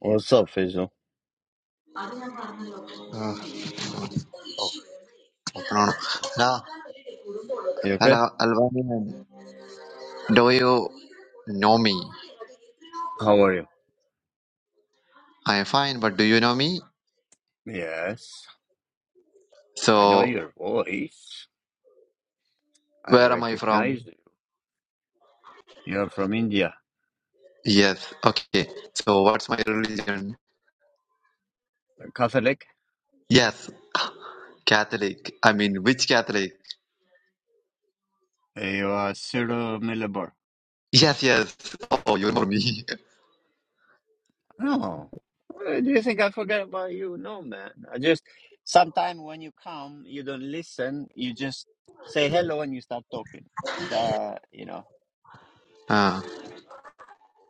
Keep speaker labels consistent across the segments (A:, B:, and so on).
A: What's up, Faisal?
B: Uh, I don't know. Hello,
A: You okay?
B: hello, Alvanian. Do you know me?
A: How are you?
B: I'm fine, but do you know me?
A: Yes, I know
B: So,
A: your voice. I
B: where am I from?
A: recognize you. You're from India.
B: Yes, okay. So, what's my religion?
A: Catholic?
B: Yes, Catholic. I mean, which Catholic?
A: You are Cyril Millebar.
B: Yes, yes. Oh, you know me.
A: Oh, Why do you think I forget about you? No, man. I just, sometimes when you come, you don't listen. You just say hello and you start talking. The, you know,
B: Ah.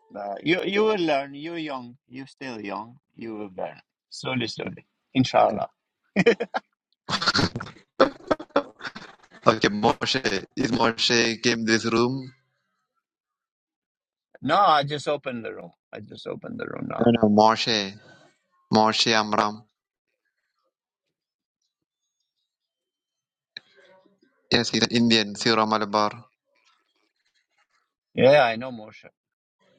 A: the, you, you will learn. You're young. You're still young. You will learn. Slowly, slowly. Inshallah.
B: okay, Moshe. Is Moshe came this room?
A: No, I just opened the room. I just opened the room
B: No,
A: now.
B: no, Moshe. Moshe Amram. Yes, he's an Indian, Sierra Malabar.
A: Yeah, I know Moshe.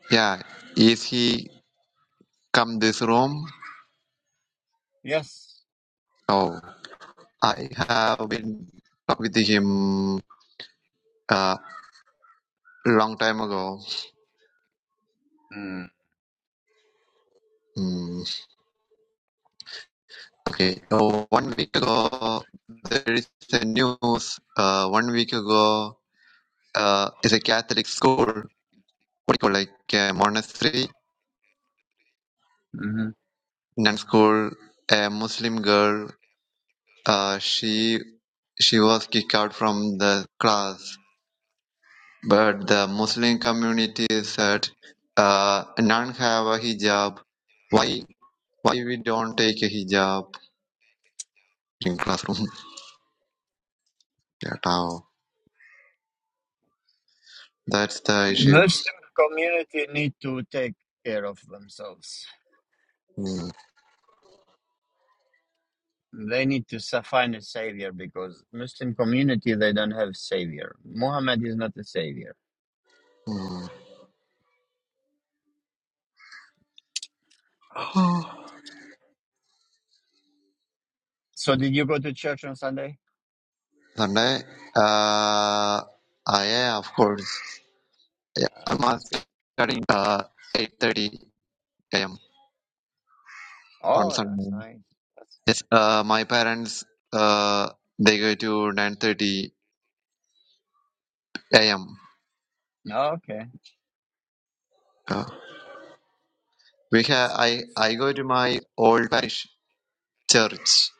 B: Yeah, is he come this room?
A: Yes.
B: No. I have been talk with him a uh, long time ago.
A: Mm.
B: Hmm, okay, so one week ago there is a news. Uh, one week ago uh, is a Catholic school. What do you call like a monastery
A: hmm
B: nun school? A Muslim girl. Uh, she she was kicked out from the class, but the Muslim community said uh, nun have a hijab. Why Why we don't take a hijab in classroom? Get out. That's the issue.
A: Muslim community need to take care of themselves.
B: Mm.
A: They need to sa- find a savior because Muslim community they don't have savior. Muhammad is not a savior.
B: Mm.
A: So did you go to church on Sunday?
B: Sunday, uh, I am, of course. Yeah,
A: Uh,
B: I'm
A: that's good.
B: studying uh, 8.30 a.m. on
A: Oh, that's
B: Sunday.
A: nice. That's
B: Yes, uh, my parents, uh, they go to 9.30 a.m.
A: okay.
B: Uh, we have,
A: That's
B: I, I
A: nice.
B: go to my old parish church,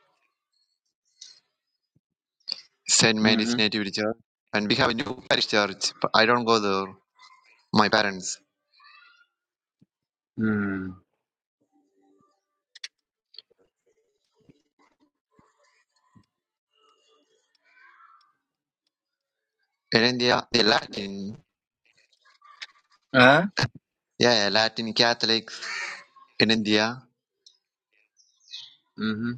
B: St. Mary's
A: Mm-hmm.
B: Nativity Church, and we have a new parish church, but I don't go there. My parents.
A: Mm.
B: In India, the Latin,
A: Huh?
B: yeah, yeah, Latin Catholics in India,
A: Mm-hmm.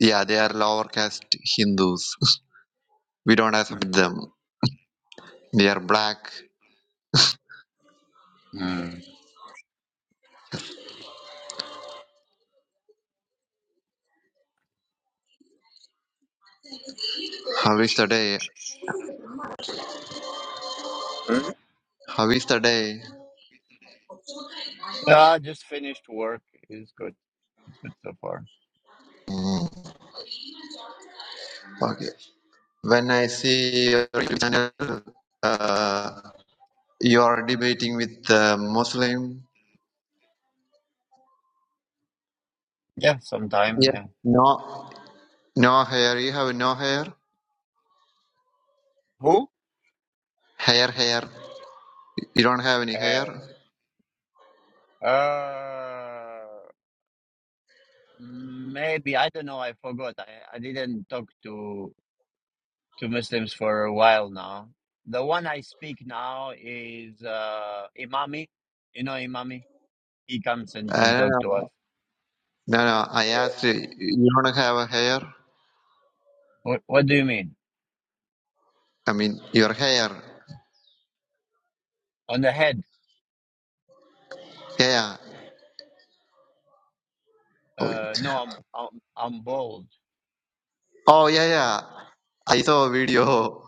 B: yeah, they are lower caste Hindus. We don't accept
A: Mm-hmm.
B: them. They are black.
A: Mm-hmm.
B: How is the day? How is the day?
A: No, I just finished work. It's good. It's good so far.
B: Mm, okay. When I see your YouTube channel, uh, you are debating with uh, Muslim.
A: Yeah, sometime.
B: Yes.
A: Yeah.
B: No. No hair. You have no hair.
A: Who?
B: Hair, hair. You don't have any hair.
A: Uh, uh, maybe I don't know. I forgot. I, I didn't talk to to Muslims for a while now. The one I speak now is uh, Imami. You know Imami. He comes and
B: I
A: to
B: don't
A: talk
B: know.
A: to us.
B: No, no. I
A: Yeah.
B: asked you. You don't have a hair.
A: What What do you mean?
B: I mean, your hair.
A: On the head?
B: Yeah, yeah. Oh,
A: Uh,
B: it-
A: no, I'm I'm I'm bald.
B: oh, yeah, yeah. I saw a video.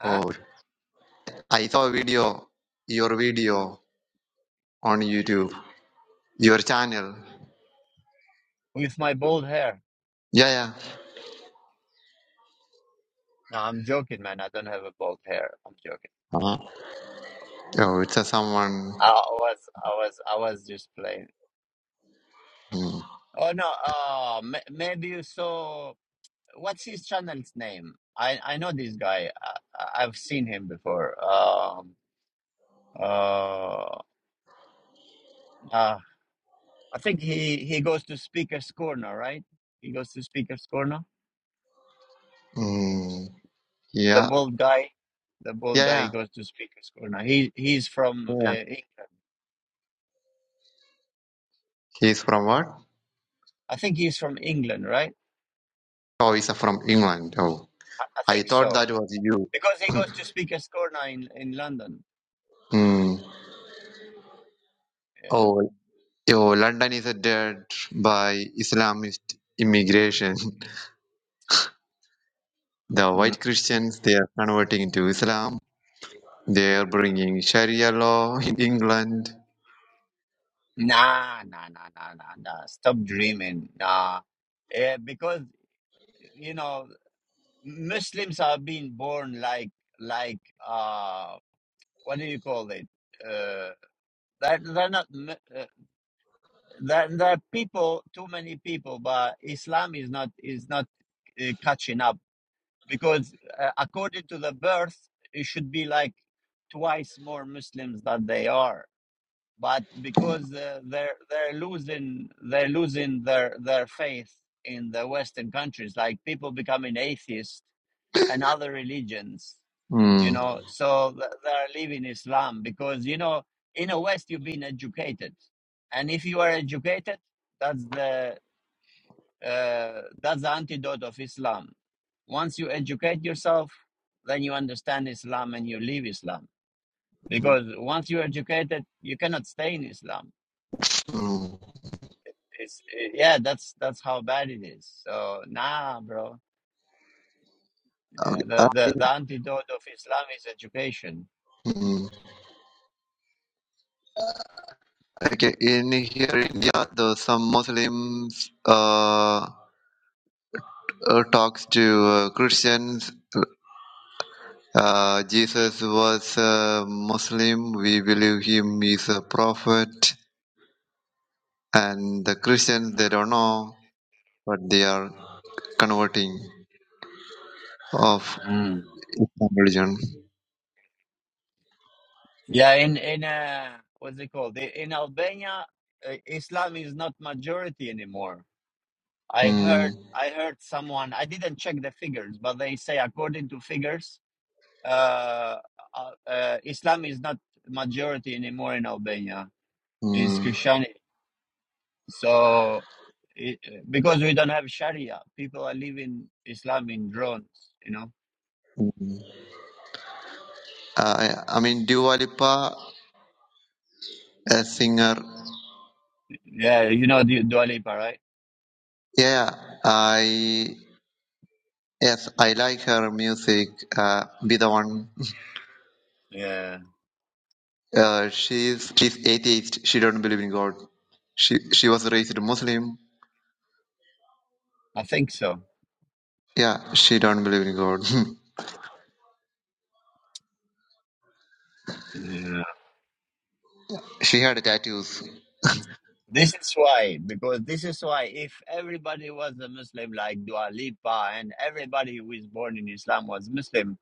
A: Huh?
B: Oh, I saw a video. Your video on YouTube. Your channel.
A: With my bald hair.
B: Yeah, yeah.
A: No, I'm joking, man. I don't have a bald hair. I'm joking.
B: Uh-huh. Oh, it's a someone.
A: I was, I was, I was just playing.
B: Mm,
A: Oh no, oh, ma maybe you saw. What's his channel's name? I, I know this guy. I, I- I've seen him before. Um, uh, uh, I think he he goes to Speaker's Corner, right? He goes to Speaker's Corner.
B: mm,
A: The
B: yeah,
A: bald guy, the bald
B: yeah, yeah,
A: guy
B: yeah.
A: goes to Speaker's Corner. He he's from uh,
B: yeah.
A: England.
B: He's from what?
A: I think he's from England, right?
B: Oh, he's from England. Oh,
A: I, I
B: I
A: think
B: thought
A: so.
B: that was you.
A: Because he goes to speak at Scorna in, in London.
B: Mm.
A: Yeah.
B: Oh, oh, London is dead by Islamist immigration. The
A: Mm.
B: white Christians, they are converting into Islam. They are bringing Sharia law in England.
A: Nah, nah, nah, nah, nah, nah. Stop dreaming. Nah. Yeah, because you know Muslims are being born like like uh what do you call it? Uh, that they're they're not mu- uh, that there are people too many people, but Islam is not is not uh, catching up because uh, according to the birth, it should be like twice more Muslims than they are but because uh, they're they're losing they're losing their their faith in the western countries like people becoming atheists and other religions you
B: Mm.
A: know so th- they're leaving islam because you know in the west you've been educated and if you are educated that's the uh, that's the antidote of islam once you educate yourself then you understand islam and you leave islam because once you're educated you cannot stay in islam
B: Mm.
A: It's it, yeah, that's that's how bad it is. So nah, bro. Yeah,
B: Okay. uh,
A: the the, the antidote of Islam is education.
B: mm. Okay, In here, in India, the, some Muslims uh, uh, talks to uh, Christians. Uh, Jesus was a Muslim. We believe him is a prophet. And the Christians, they don't know, but they are converting of
A: Mm.
B: Islam religion.
A: Yeah, in in uh, what's it called? I- In Albania, uh, Islam is not majority anymore. I heard
B: Mm.
A: I heard someone. I didn't check the figures, but they say according to figures, uh, uh, uh, Islam is not majority anymore in Albania. Is
B: Mm.
A: Christian. So, it, because we don't have Sharia, people are living Islam in drones, you know?
B: Uh, I mean, Dua Lipa, a singer.
A: Yeah, you know the Dua Lipa, right?
B: Yeah, I yes, I like her music. Uh, be the one.
A: Yeah,
B: Uh, she's she's atheist. She don't believe in God. She she was raised Muslim.
A: I think so.
B: Yeah, she don't believe in God.
A: Yeah.
B: she had tattoos.
A: This is why, because this is why if everybody was a Muslim like Dua Lipa and everybody who is born in Islam was Muslim,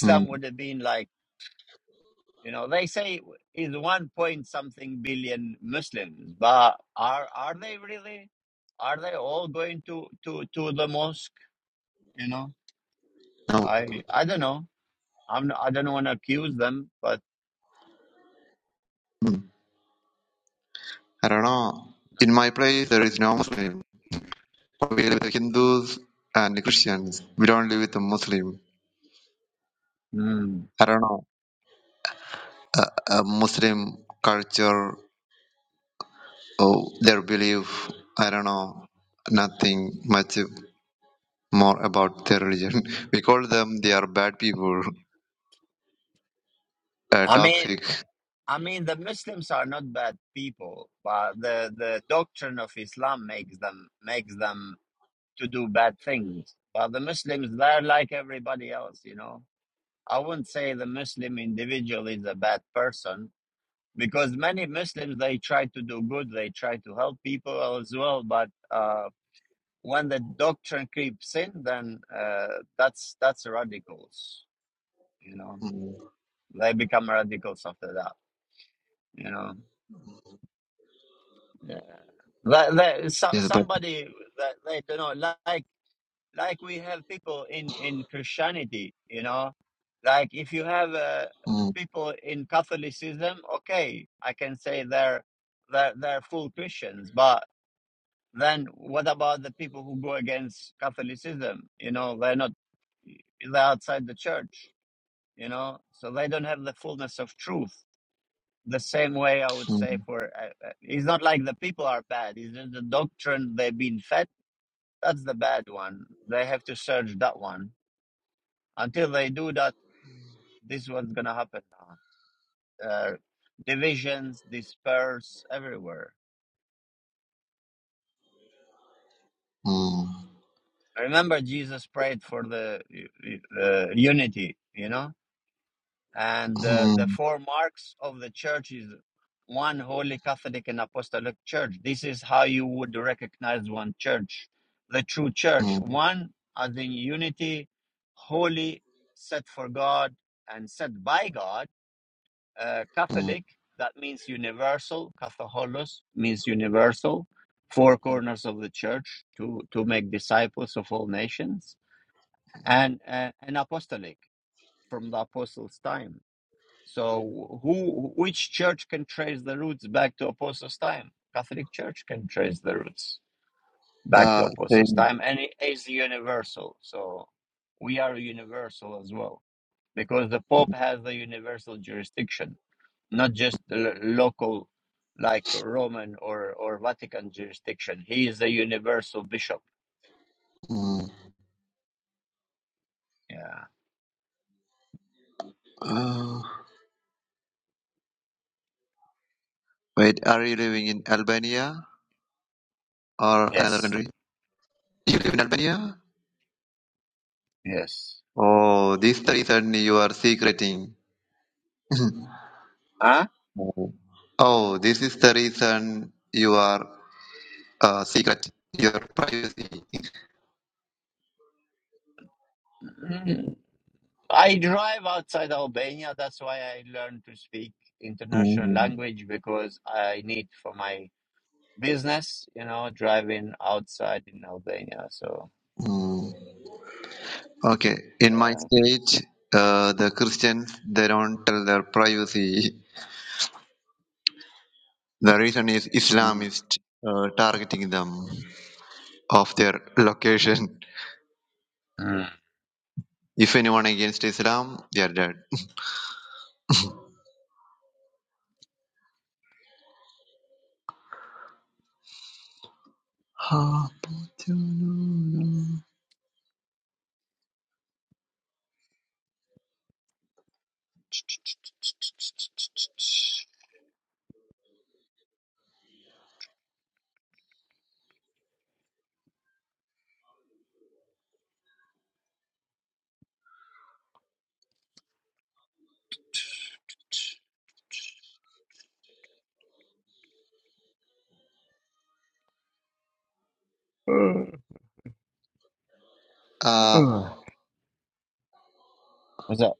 B: Hmm.
A: would have been like, you know, they say is one point something billion Muslims, but are are they really? Are they all going to to to the mosque? You know,
B: No,
A: I I don't know. I'm I don't want to accuse them, but
B: Hmm. I don't know. In my place, there is no Muslim. We live with Hindus and Christians. We don't live with a Muslim.
A: mm,
B: I don't know. Uh, Muslim culture oh, their belief. I don't know nothing much more about their religion. We call them they are bad people, uh,
A: I mean
B: toxic.
A: I mean the Muslims are not bad people, but the the doctrine of Islam makes them makes them to do bad things. But the Muslims, they're like everybody else. You know, I wouldn't say the Muslim individual is a bad person because many Muslims they try to do good, they try to help people as well, but. Uh, when the doctrine creeps in, then uh, that's that's radicals. You know,
B: Mm.
A: they become radicals after that. You know, yeah. that, that, so,
B: Yes, but
A: somebody that they don't know, like like we have people in in Christianity. You know, like if you have uh,
B: mm,
A: people in Catholicism, okay, I can say they're they're they're full Christians, but Then what about the people who go against Catholicism? You know, they're not, they're outside the church, you know, so they don't have the fullness of truth. The same way I would
B: mm,
A: say for, uh, uh, it's not like the people are bad, it's just the doctrine they've been fed. That's the bad one. They have to search that one. Until they do that, this is what's going to happen now. Uh, divisions, disperse everywhere.
B: mm,
A: Remember, Jesus prayed for the uh, uh, unity, you know? And the, the
B: mm,
A: four marks of the church is one holy Catholic and apostolic church. This is how you would recognize one church, the true church.
B: mm,
A: One as in unity, holy, set for God and set by God. Uh,
B: mm.
A: Catholic, that means universal. Catholicos means universal. Four corners of the church to, to make disciples of all nations. And, uh, and apostolic from the apostles' time so who which church can trace the roots back to apostles' time? Catholic Church can trace the roots back to
B: Uh,
A: apostles'
B: then,
A: time and it is universal. So we are universal as well because the pope has the universal jurisdiction, not just the lo- local like Roman or or Vatican jurisdiction. He is a universal bishop.
B: mm,
A: Yeah.
B: uh, wait, are you living in Albania or another
A: Yes.
B: country? You live in Albania?
A: Yes.
B: Oh, this is the reason you are secreting.
A: Huh?
B: oh, Oh, this is the reason you are. uh, secret your privacy.
A: I drive outside Albania. That's why I learned to speak international
B: Mm,
A: language because I need for my business, you know, driving outside in Albania. So,
B: mm. Okay, in my
A: yeah.
B: state, uh, the Christians they don't tell their privacy. The reason is Islam
A: Mm.
B: is uh, targeting them of their location.
A: Mm.
B: If anyone against Islam, they are dead. Ah,
A: Ugh. ugh.
B: uh,
A: What's up?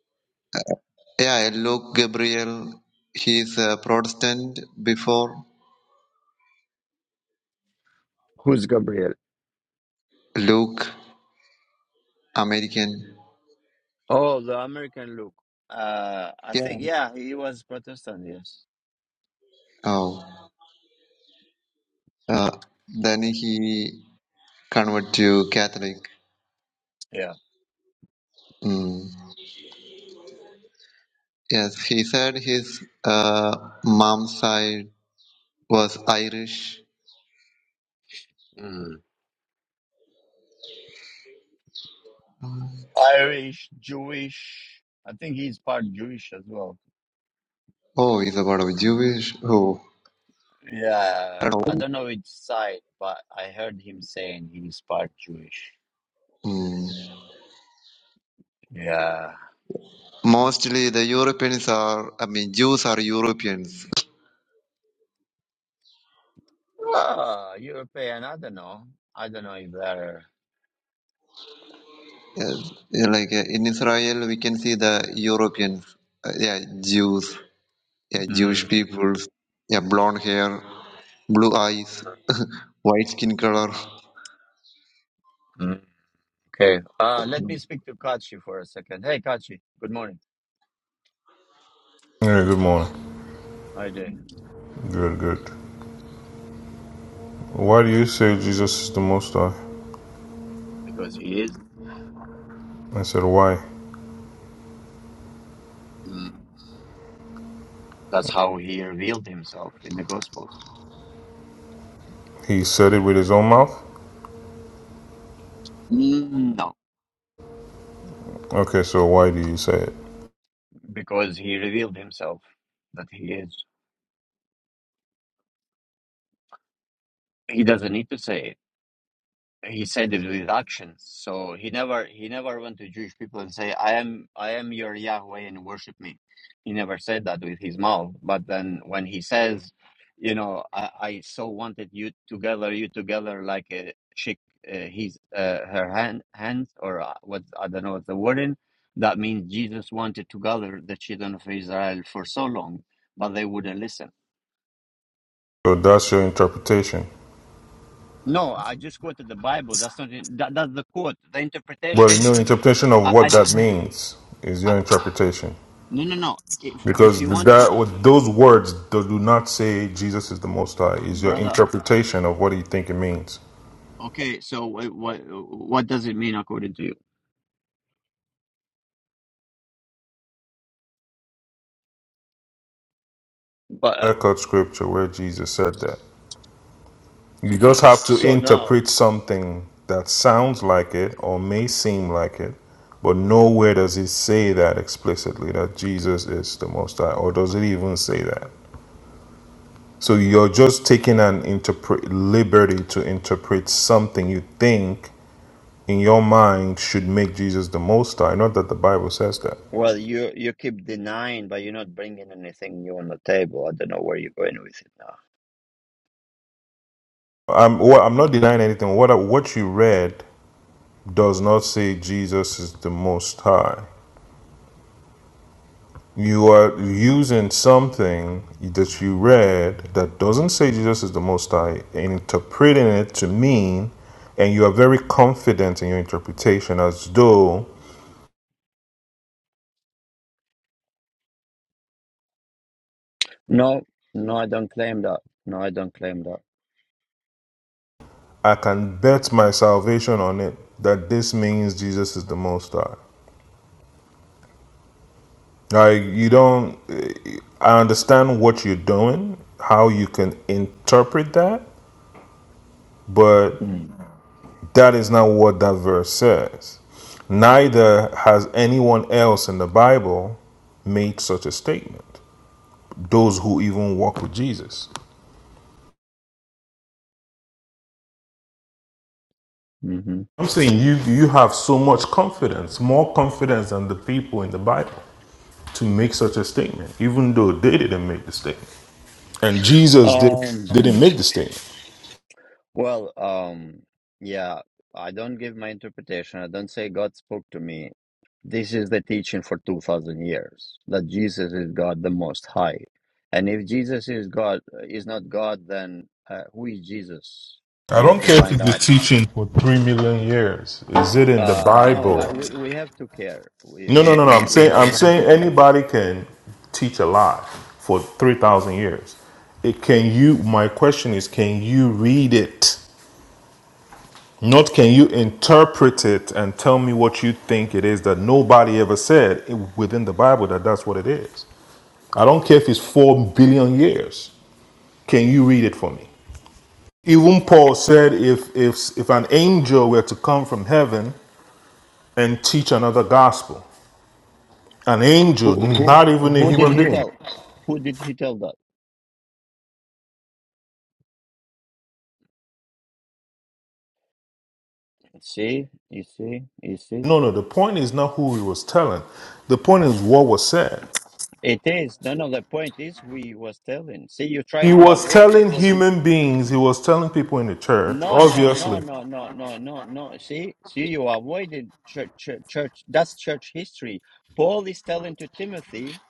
B: yeah, Luke Gabriel, he's a Protestant before
A: Who's Gabriel?
B: Luke American.
A: Oh, the American Luke. Uh, I
B: Yeah.
A: think, yeah, he was Protestant, yes.
B: Oh, uh, then he convert to Catholic.
A: Yeah.
B: Mm. Yes, he said his uh, mom's side was Irish.
A: Mm. Irish, Jewish. I think he's part Jewish as well.
B: Oh, he's about a Jewish. Oh,
A: Yeah,
B: I don't
A: I
B: know.
A: don't know which side, but I heard him saying he's part Jewish.
B: Mm.
A: Yeah.
B: Mostly the Europeans are, I mean, Jews are Europeans.
A: Ah, European, I don't know. I don't know if they're.
B: Yes. Yeah, Like uh, in Israel, we can see the Europeans. Uh, yeah, Jews. Yeah, Jewish
A: Mm,
B: people. Yeah, blonde hair, blue eyes, white skin color.
A: mm, okay. Uh, let me speak to Kachi for a second. Hey, Kachi. Good morning.
C: Hey, good morning.
A: Hi there.
C: Good, good. Why do you say Jesus is the Most High?
A: Because he is.
C: I said, why?
A: Mm, that's how he revealed himself in the Gospels.
C: He said it with his own mouth?
A: Mm, no,
C: Okay, so why do you say it?
A: because he revealed himself that he is. He doesn't need to say it. he said it with actions. So he never he never went to Jewish people and say, "I am I am your Yahweh and worship me." He never said that with his mouth. But then when he says, "You know, I, I so wanted you together, you together like a chick, uh, his uh, her hand hands or uh, what I don't know what the word in," that means Jesus wanted to gather the children of Israel for so long, but they wouldn't listen.
C: So that's your interpretation.
A: No, I just quoted the Bible. That's not it. that, that's the quote. The
C: Well,
A: interpretation.
C: your interpretation of what
A: I,
C: that means is
A: I,
C: your interpretation.
A: No, no, no. If if you
C: Because
A: want, you-
C: that those words that do not say Jesus is the Most High is your
A: brother.
C: interpretation of what you think it means.
A: Okay, so what what, what does it mean according to you? But uh,
C: Clear cut scripture where Jesus said that. You just have to
A: so now,
C: interpret something that sounds like it or may seem like it, but nowhere does it say that explicitly that Jesus is the Most High, or does it even say that? So you're just taking an interpret liberty to interpret something you think in your mind should make Jesus the Most High. Not that the Bible says that.
A: well, you you keep denying, but you're not bringing anything new on the table. I don't know where you're going with it now.
C: I'm well, I'm not denying anything. What I- what you read does not say Jesus is the Most High. You are using something that you read that doesn't say Jesus is the Most High and interpreting it to mean, and you are very confident in your interpretation as though
A: No, no, I don't claim that. No, I don't claim that.
C: I can bet my salvation on it that this means Jesus is the Most High. Like, you don't, I understand what you're doing, how you can interpret that, but.
A: Mm.
C: That is not what that verse says. Neither has anyone else in the Bible made such a statement. Those who even walk with Jesus.
A: hmm
C: I'm saying you you have so much confidence, more confidence than the people in the Bible to make such a statement, even though they didn't make the statement. And Jesus did
A: Um.
C: didn't make the statement.
A: Well. Um. Yeah. I don't give my interpretation. I don't say God spoke to me. This is the teaching for 2000 years that Jesus is God the most high. And if Jesus is God is not God then uh, who is Jesus?
C: I
A: You have
C: don't
A: to
C: care if
A: find
C: it's been
A: out.
C: teaching for three million years. Is it in the
A: Uh no, I-
C: Bible?
A: we we have to care. We
C: No, no,
A: we
C: no, no.
A: we,
C: I'm
A: we
C: saying
A: have
C: I'm
A: to
C: saying
A: care.
C: anybody can teach a lie for three thousand years. It can you. My question is, can you read it? Not can you interpret it and tell me what you think it is that nobody ever said within the Bible that that's what it is. I don't care if it's four billion years. Can you read it for me? Even Paul said, if if if an angel were to come from heaven and teach another gospel, an angel,
A: Who who
C: not even a
A: who did
C: human
A: he
C: being.
A: tell? Who did he tell that? See? You see? You see?
C: No, no, the point is not who he was telling. The point is what was said.
A: It is. No, no, the point is who he was telling. See, you're
C: He
A: trying to
C: was
A: avoid
C: telling
A: because it
C: human beings, he was telling people in the church,
A: No, no, no,
C: obviously.
A: no, no, no, no, no. See, see, you avoided church, church, church. That's church history. Paul is telling to Timothy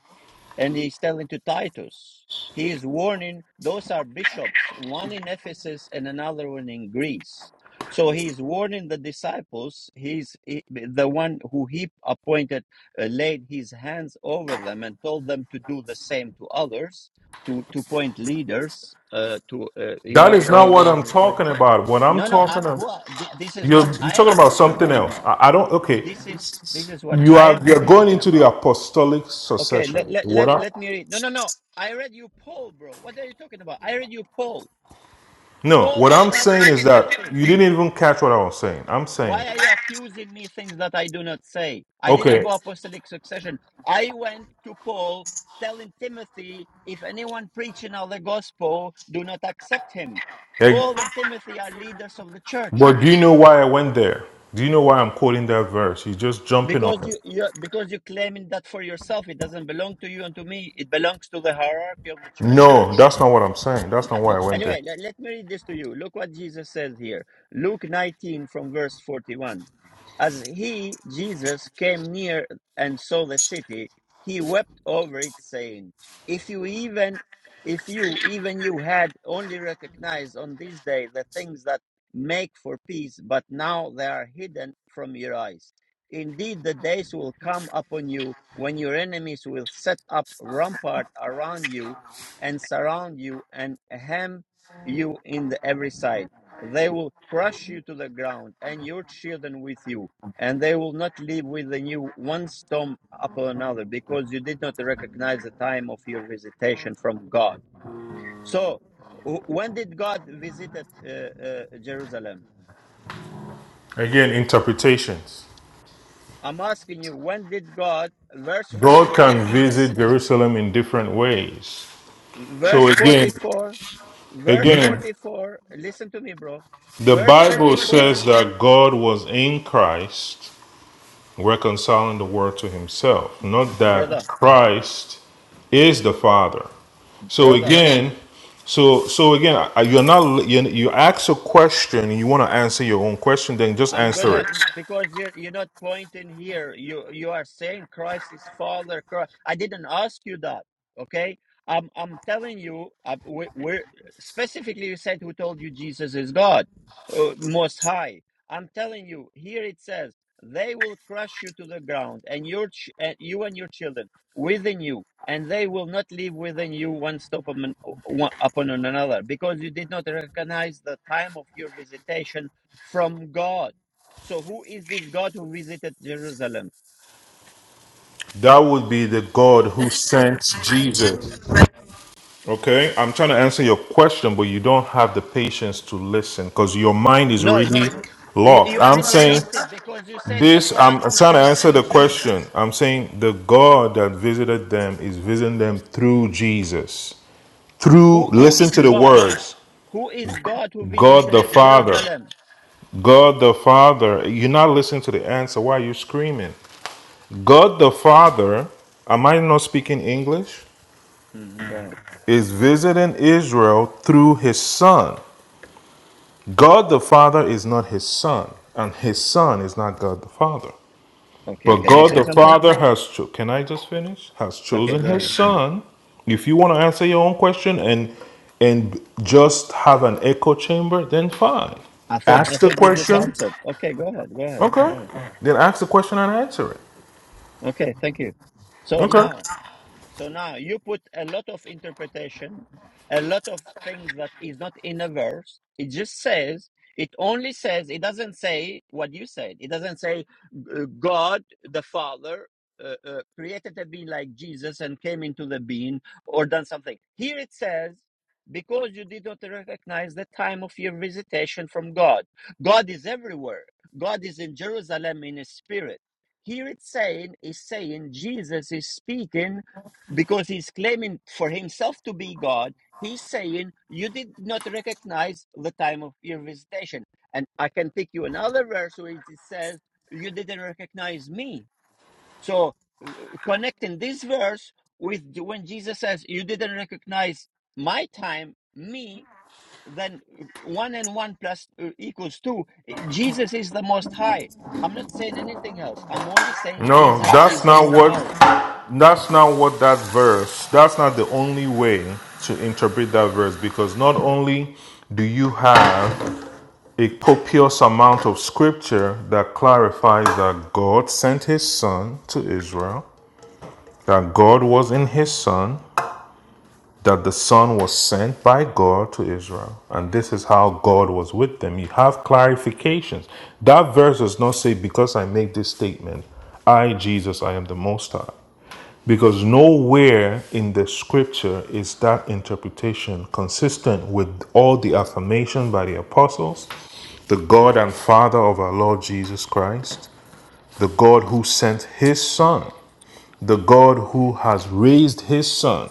A: and he's telling to Titus. He is warning those are bishops, one in Ephesus and another one in Greece. So he's warning the disciples. He's he- the one who he appointed, uh, laid his hands over them and told them to do the same to others, to to point leaders, uh, to uh, you
C: That
A: know
C: is not
A: all
C: what
A: over
C: I'm
A: the place
C: talking about. What I'm
A: no, no. I,
C: talking about,
A: well, thi- this is
C: you're,
A: what
C: you're
A: I
C: talking
A: am
C: about
A: talking
C: something
A: about.
C: else. I, I don't, okay.
A: This is this is what
C: You
A: I
C: are
A: am
C: you're
A: talking
C: going
A: about.
C: into the apostolic
A: Okay, let
C: succession.
A: let
C: What
A: let,
C: I,
A: let me read. No, no, no. I read you Paul, bro. What are you talking about? I read you Paul.
C: no,
A: Paul
C: what
A: is
C: I'm
A: writing
C: saying
A: to
C: is that
A: Timothy.
C: you didn't even catch what I was saying. I'm saying,
A: Why are you accusing me things that I do not say? I didn't
C: okay,
A: go apostolic succession. I went to Paul telling Timothy, if anyone preaching of the gospel, do not accept him.
C: eh,
A: Paul and Timothy are leaders of the church.
C: but do you know why I went there? Do you know why I'm quoting that verse? You're just jumping on
A: because
C: it.
A: you you're, because you're claiming that for yourself it doesn't belong to you and to me it belongs to the hierarchy of the church
C: No, that's not what I'm saying. That's not why I went there.
A: Anyway, let, let me read this to you. Look what Jesus says here. Luke 19 from verse 41. As he, Jesus, came near and saw the city, he wept over it, saying, If you even if you even you had only recognized on this day the things that make for peace, but now they are hidden from your eyes. Indeed, the days will come upon you when your enemies will set up rampart around you and surround you and hem you in the every side. They will crush you to the ground and your children with you, and they will not live with you one storm upon another, because you did not recognize the time of your visitation from God. So, wh- when did God visit at, uh, uh, Jerusalem?
C: Again, interpretations.
A: I'm asking you, when did God, verse
C: God
A: 44
C: can
A: says,
C: visit Jerusalem in different ways. So
A: verse
C: again,
A: 44, verse
C: again,
A: 44, listen to me, bro.
C: the
A: Verse
C: Bible
A: 44
C: says that God was in Christ reconciling the world to himself, not that
A: brother,
C: Christ is the Father. So
A: brother,
C: again, so so again, I- you're not you you ask a question and you want to answer your own question, then just
A: I'm
C: answer
A: gonna
C: it.
A: because you're you're not pointing here. You you are saying Christ is Father. Christ. I didn't ask you that. Okay, I'm I'm telling you. Uh, we, we're specifically you said who told you Jesus is God, uh, Most High. I'm telling you here it says they will crush you to the ground and your ch- uh, you and your children within you, and they will not leave within you one stop upon, one, upon another because you did not recognize the time of your visitation from God. So who is this God who visited Jerusalem?
C: That would be the God who sent Jesus. Okay, I'm trying to answer your question, but you don't have the patience to listen because your mind is
A: No, you,
C: really
A: you
C: lost.
A: you
C: I'm
A: already
C: saying
A: lost it because you said the
C: this,
A: God
C: I'm
A: who
C: trying to
A: sent
C: answer the
A: Jesus.
C: question. I'm saying the God that visited them is visiting them through Jesus. Through,
A: Who is
C: listen to the
A: God?
C: words
A: Who is God who
C: God the
A: visited
C: Father.
A: Jerusalem?
C: God the Father. You're not listening to the answer. Why are you screaming? God the Father. Am I not speaking English?
A: Mhm, go ahead.
C: is visiting Israel through his son. God the Father is not his son, and his son is not God the Father.
A: Okay,
C: But
A: can I
C: God
A: say
C: the
A: something?
C: Father has cho- can I just finish? Has
A: Okay,
C: chosen
A: go
C: his
A: ahead.
C: son. If you want to answer your own question and and just have an echo chamber, then fine.
A: I thought I
C: Ask the
A: thought you just
C: question.
A: answered. Okay, go ahead. Go ahead.
C: Okay.
A: Go ahead.
C: Then ask the question and answer it.
A: Okay, thank you. So
C: Okay.
A: now So now you put a lot of interpretation, a lot of things that is not in a verse. It just says, it only says, it doesn't say what you said. It doesn't say uh, God the Father uh, uh, created a being like Jesus and came into the being or done something. Here it says, because you did not recognize the time of your visitation from God. God is everywhere. God is in Jerusalem in his spirit. Here it's saying, is saying Jesus is speaking because he's claiming for himself to be God. He's saying, You did not recognize the time of your visitation. And I can pick you another verse where it says, You didn't recognize me. So, uh, connecting this verse with the- when Jesus says, You didn't recognize my time, me, then uh, one and one plus uh, equals two. Uh, Jesus is the most high. I'm not saying anything else. I'm only saying
C: No,
A: Jesus
C: that's
A: is the
C: not
A: most
C: what
A: high.
C: that's not what that verse. That's not the only way to interpret that verse because not only do you have a copious amount of scripture that clarifies that God sent his son to Israel, that God was in his son, that the Son was sent by God to Israel, and this is how God was with them. You have clarifications. That verse does not say, Because I make this statement, I, Jesus, I am the Most High. Because nowhere in the scripture is that interpretation consistent with all the affirmation by the apostles, the God and Father of our Lord Jesus Christ the God who sent his son, the God who has raised his son,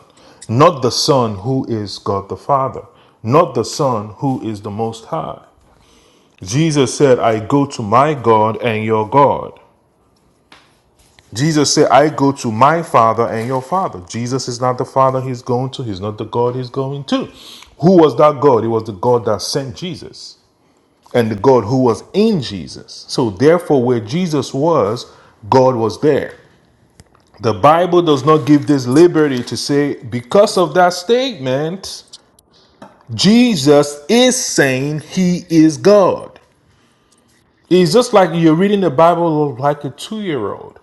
C: not the son who is God the Father, not the son who is the Most High. Jesus said, I go to my God and your God. Jesus said, I go to my Father and your Father. Jesus is not the Father he's going to, he's not the God he's going to. Who was that God? It was the God that sent Jesus and the God who was in Jesus. So, therefore, where Jesus was, God was there. The Bible does not give this liberty to say, because of that statement, Jesus is saying he is God. It's just like you're reading the Bible like a two year old.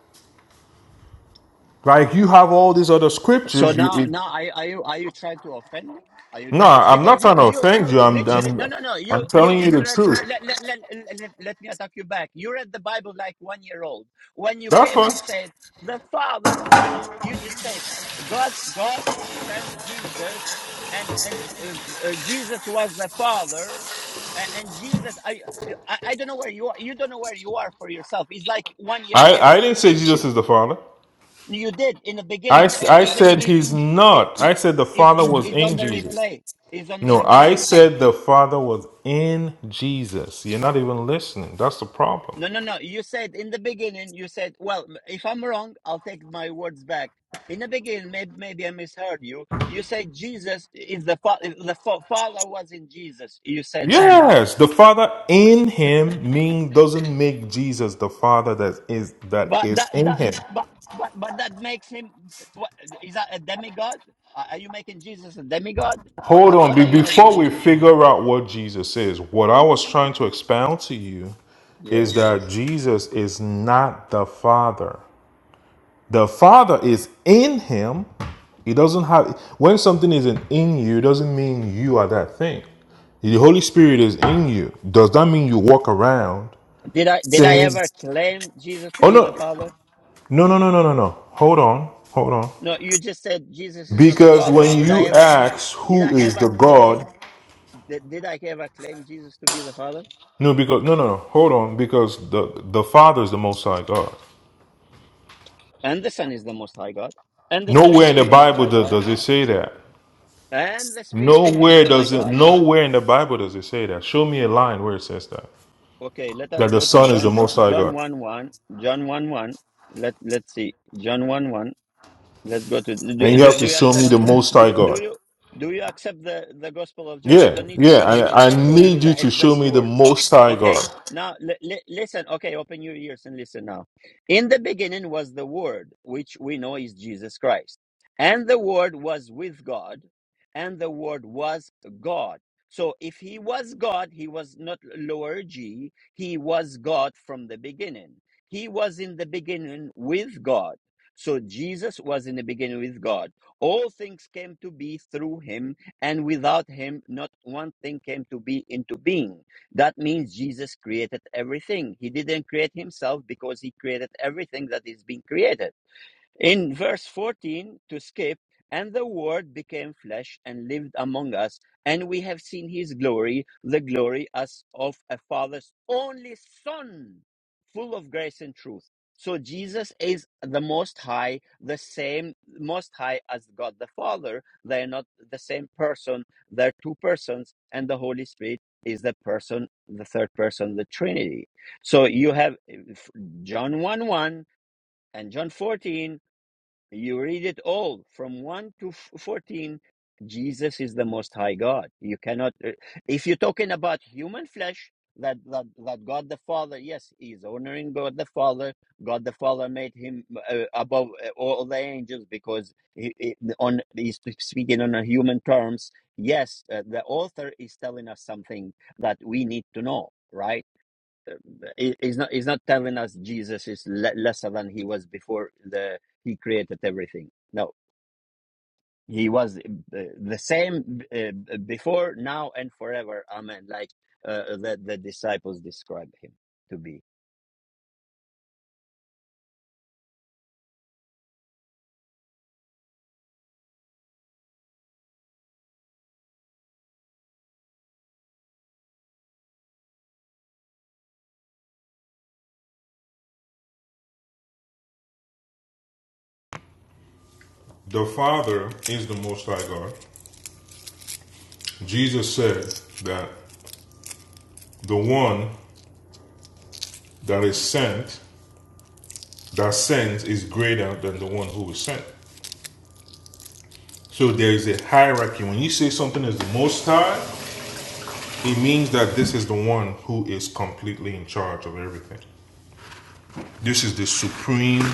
C: Like you have all these other
A: So
C: scriptures. You,
A: now,
C: it,
A: now, are, you- are you are you trying to offend me? Are you
C: no,
A: trying
C: I'm not
A: because you
C: trying to
A: you
C: offend you. I'm,
A: literally
C: I'm,
A: no no no you
C: I'm
A: you
C: telling you
A: just
C: the
A: read
C: truth.
A: let let, let let let me attack you back. You read the Bible like one year old when you
C: That's
A: came
C: fine.
A: and said the Father. No no, you just said God God sent Jesus and and uh, uh, Jesus was the Father. a- And Jesus, I, I I don't know where you are. You don't know where you are for yourself. It's like one year
C: I,
A: old
C: I didn't say
A: teaching.
C: Jesus is the Father.
A: You did in the
C: I,
A: beginning. Uh,
C: I
A: is
C: said he's
A: is
C: not. I said the
A: is
C: Father was
A: is
C: in
A: on the
C: Jesus.
A: replay is on the
C: No, I
A: replay
C: said the Father was in Jesus. You're not even listening. That's the problem.
A: no no no you said in the beginning you said well if i'm wrong i'll take my words back in the beginning maybe, maybe i misheard you you said jesus is the fa- is the fa- father was in jesus you said that
C: Yes, the Father in him mean doesn't make Jesus the Father that is that
A: but
C: is
A: that
C: in
A: that
C: him.
A: but but but that makes him what is that a demigod are are you making jesus a demigod what,
C: Hold on,
A: what
C: be-
A: are you making
C: before we
A: jesus
C: figure out what Jesus is, what I was trying to expound to you is
A: yes
C: that Jesus is not the Father. The Father is in him. He doesn't have when something isn't in you, it doesn't mean you are that thing. The Holy Spirit is in you. Does that mean you walk around
A: did i did i
C: saying,
A: ever claim jesus to
C: "Oh
A: be
C: no,
A: the father
C: no, no, no, no, no, no"? Hold on, hold on.
A: No, you just said Jesus is not the
C: Because
A: Father.
C: when
A: Did I
C: you
A: ever
C: ask
A: did
C: who
A: I
C: is
A: ever
C: the God,
A: claim did, did I ever claim Jesus to be the Father?
C: no, because no, no, no, hold on. Because the the Father is the Most High God.
A: And the Son is the most high God. And the
C: Nowhere
A: Spirit
C: in
A: is
C: the
A: the most
C: Bible
A: high
C: does,
A: God.
C: does it say that.
A: And the Spirit is the
C: Nowhere
A: most high
C: does it.
A: God.
C: Nowhere in the Bible does it say that. Show me a line where it says that.
A: Okay, let us
C: That the
A: go to
C: Son is the
A: John
C: Most High
A: John
C: God,
A: 1 1. John 1 1. Let let's see. John 1 1. Let's go to
C: and
A: do,
C: you
A: do,
C: have to
A: do you
C: show me
A: accept
C: the Most High
A: do, do
C: God.
A: you do you accept the the gospel of John? I
C: Yeah,
A: don't need
C: yeah.
A: to uh,
C: I, I
A: uh, show you
C: need you
A: the
C: to
A: exact
C: show me the
A: words.
C: Most High God.
A: Okay, now li- li- listen. Okay, open your ears and listen now. In the beginning was the word, which we know is Jesus Christ. And the word was with God, and the word was God. So if he was God, he was not lower G, he was God from the beginning. He was in the beginning with God so Jesus was in the beginning with God. All things came to be through him, and without him, not one thing came to be into being. That means Jesus created everything. He didn't create himself because he created everything that is being created. In verse 14, to skip, and the Word became flesh and lived among us, and we have seen his glory, the glory as of a father's only son, full of grace and truth. So Jesus is the Most High, the same Most High as God the Father. They are not the same person, they're two persons, and the Holy Spirit is the person, the third person, the Trinity. So you have eh, John 1 1 and John 14 you read it all from 1 to 14. Jesus is the most high God. You cannot, uh, if you're talking about human flesh, that, that, that God the Father, yes, he is honoring God the Father. God the Father made him uh, above uh, all the angels because he, he- on, he's speaking on a human terms. Yes, uh, the author is telling us something that we need to know, right? he- he's not he's not telling us Jesus is le- lesser than he was before the he created everything. No, he was uh, the same uh, before, now, and forever. Amen. Like uh, the the disciples describe him to be.
C: The Father is the Most High God. Jesus said that the one that is sent, that sends, is greater than the one who is sent. So there is a hierarchy. When you say something is the Most High, it means that this is the one who is completely in charge of everything. This is the supreme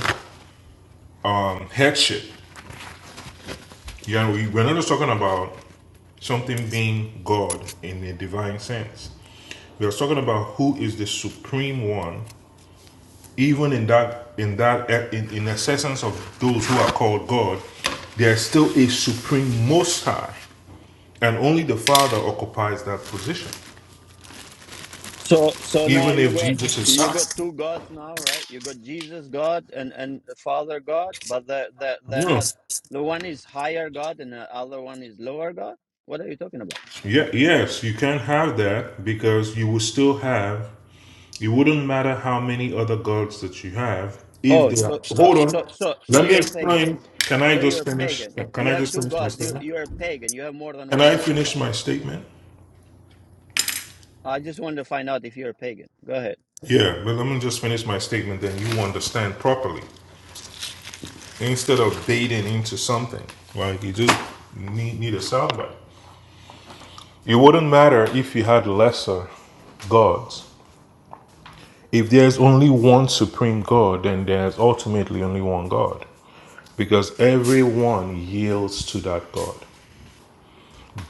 C: um, headship. Yeah, we, we're not just talking about something being God in a divine sense. We are talking about who is the supreme one even in that in that eh, in, in the essence of those who are called god there is still a supreme most high and only the father occupies that position
A: So so now
C: even
A: you
C: if
A: got
C: jesus is
A: you got
C: high
A: two gods now, right? You got Jesus God and and Father God, but the the they're
C: no
A: not. The one is higher God and the other one is lower God. What are you talking about?
C: yeah yes you can have that because you will still have it wouldn't matter how many other gods that you have if
A: Oh,
C: they are
A: so so
C: hold
A: so
C: on
A: so so
C: let me
A: you're a pagan.
C: explain can i
A: So you're
C: just
A: a
C: finish
A: pagan.
C: can
A: You
C: i
A: have
C: just
A: two
C: finish my
A: gods. You
C: statement
A: you're a pagan. You have more than
C: can
A: one
C: i
A: god.
C: finish my statement
A: I just wanted to find out if you're a pagan. Go ahead.
C: Yeah, but let me just finish my statement, then you understand properly. Instead of baiting into something, like you just need, need a soundbite. It wouldn't matter if you had lesser gods. If there's only one supreme God, then there's ultimately only one God, because everyone yields to that God.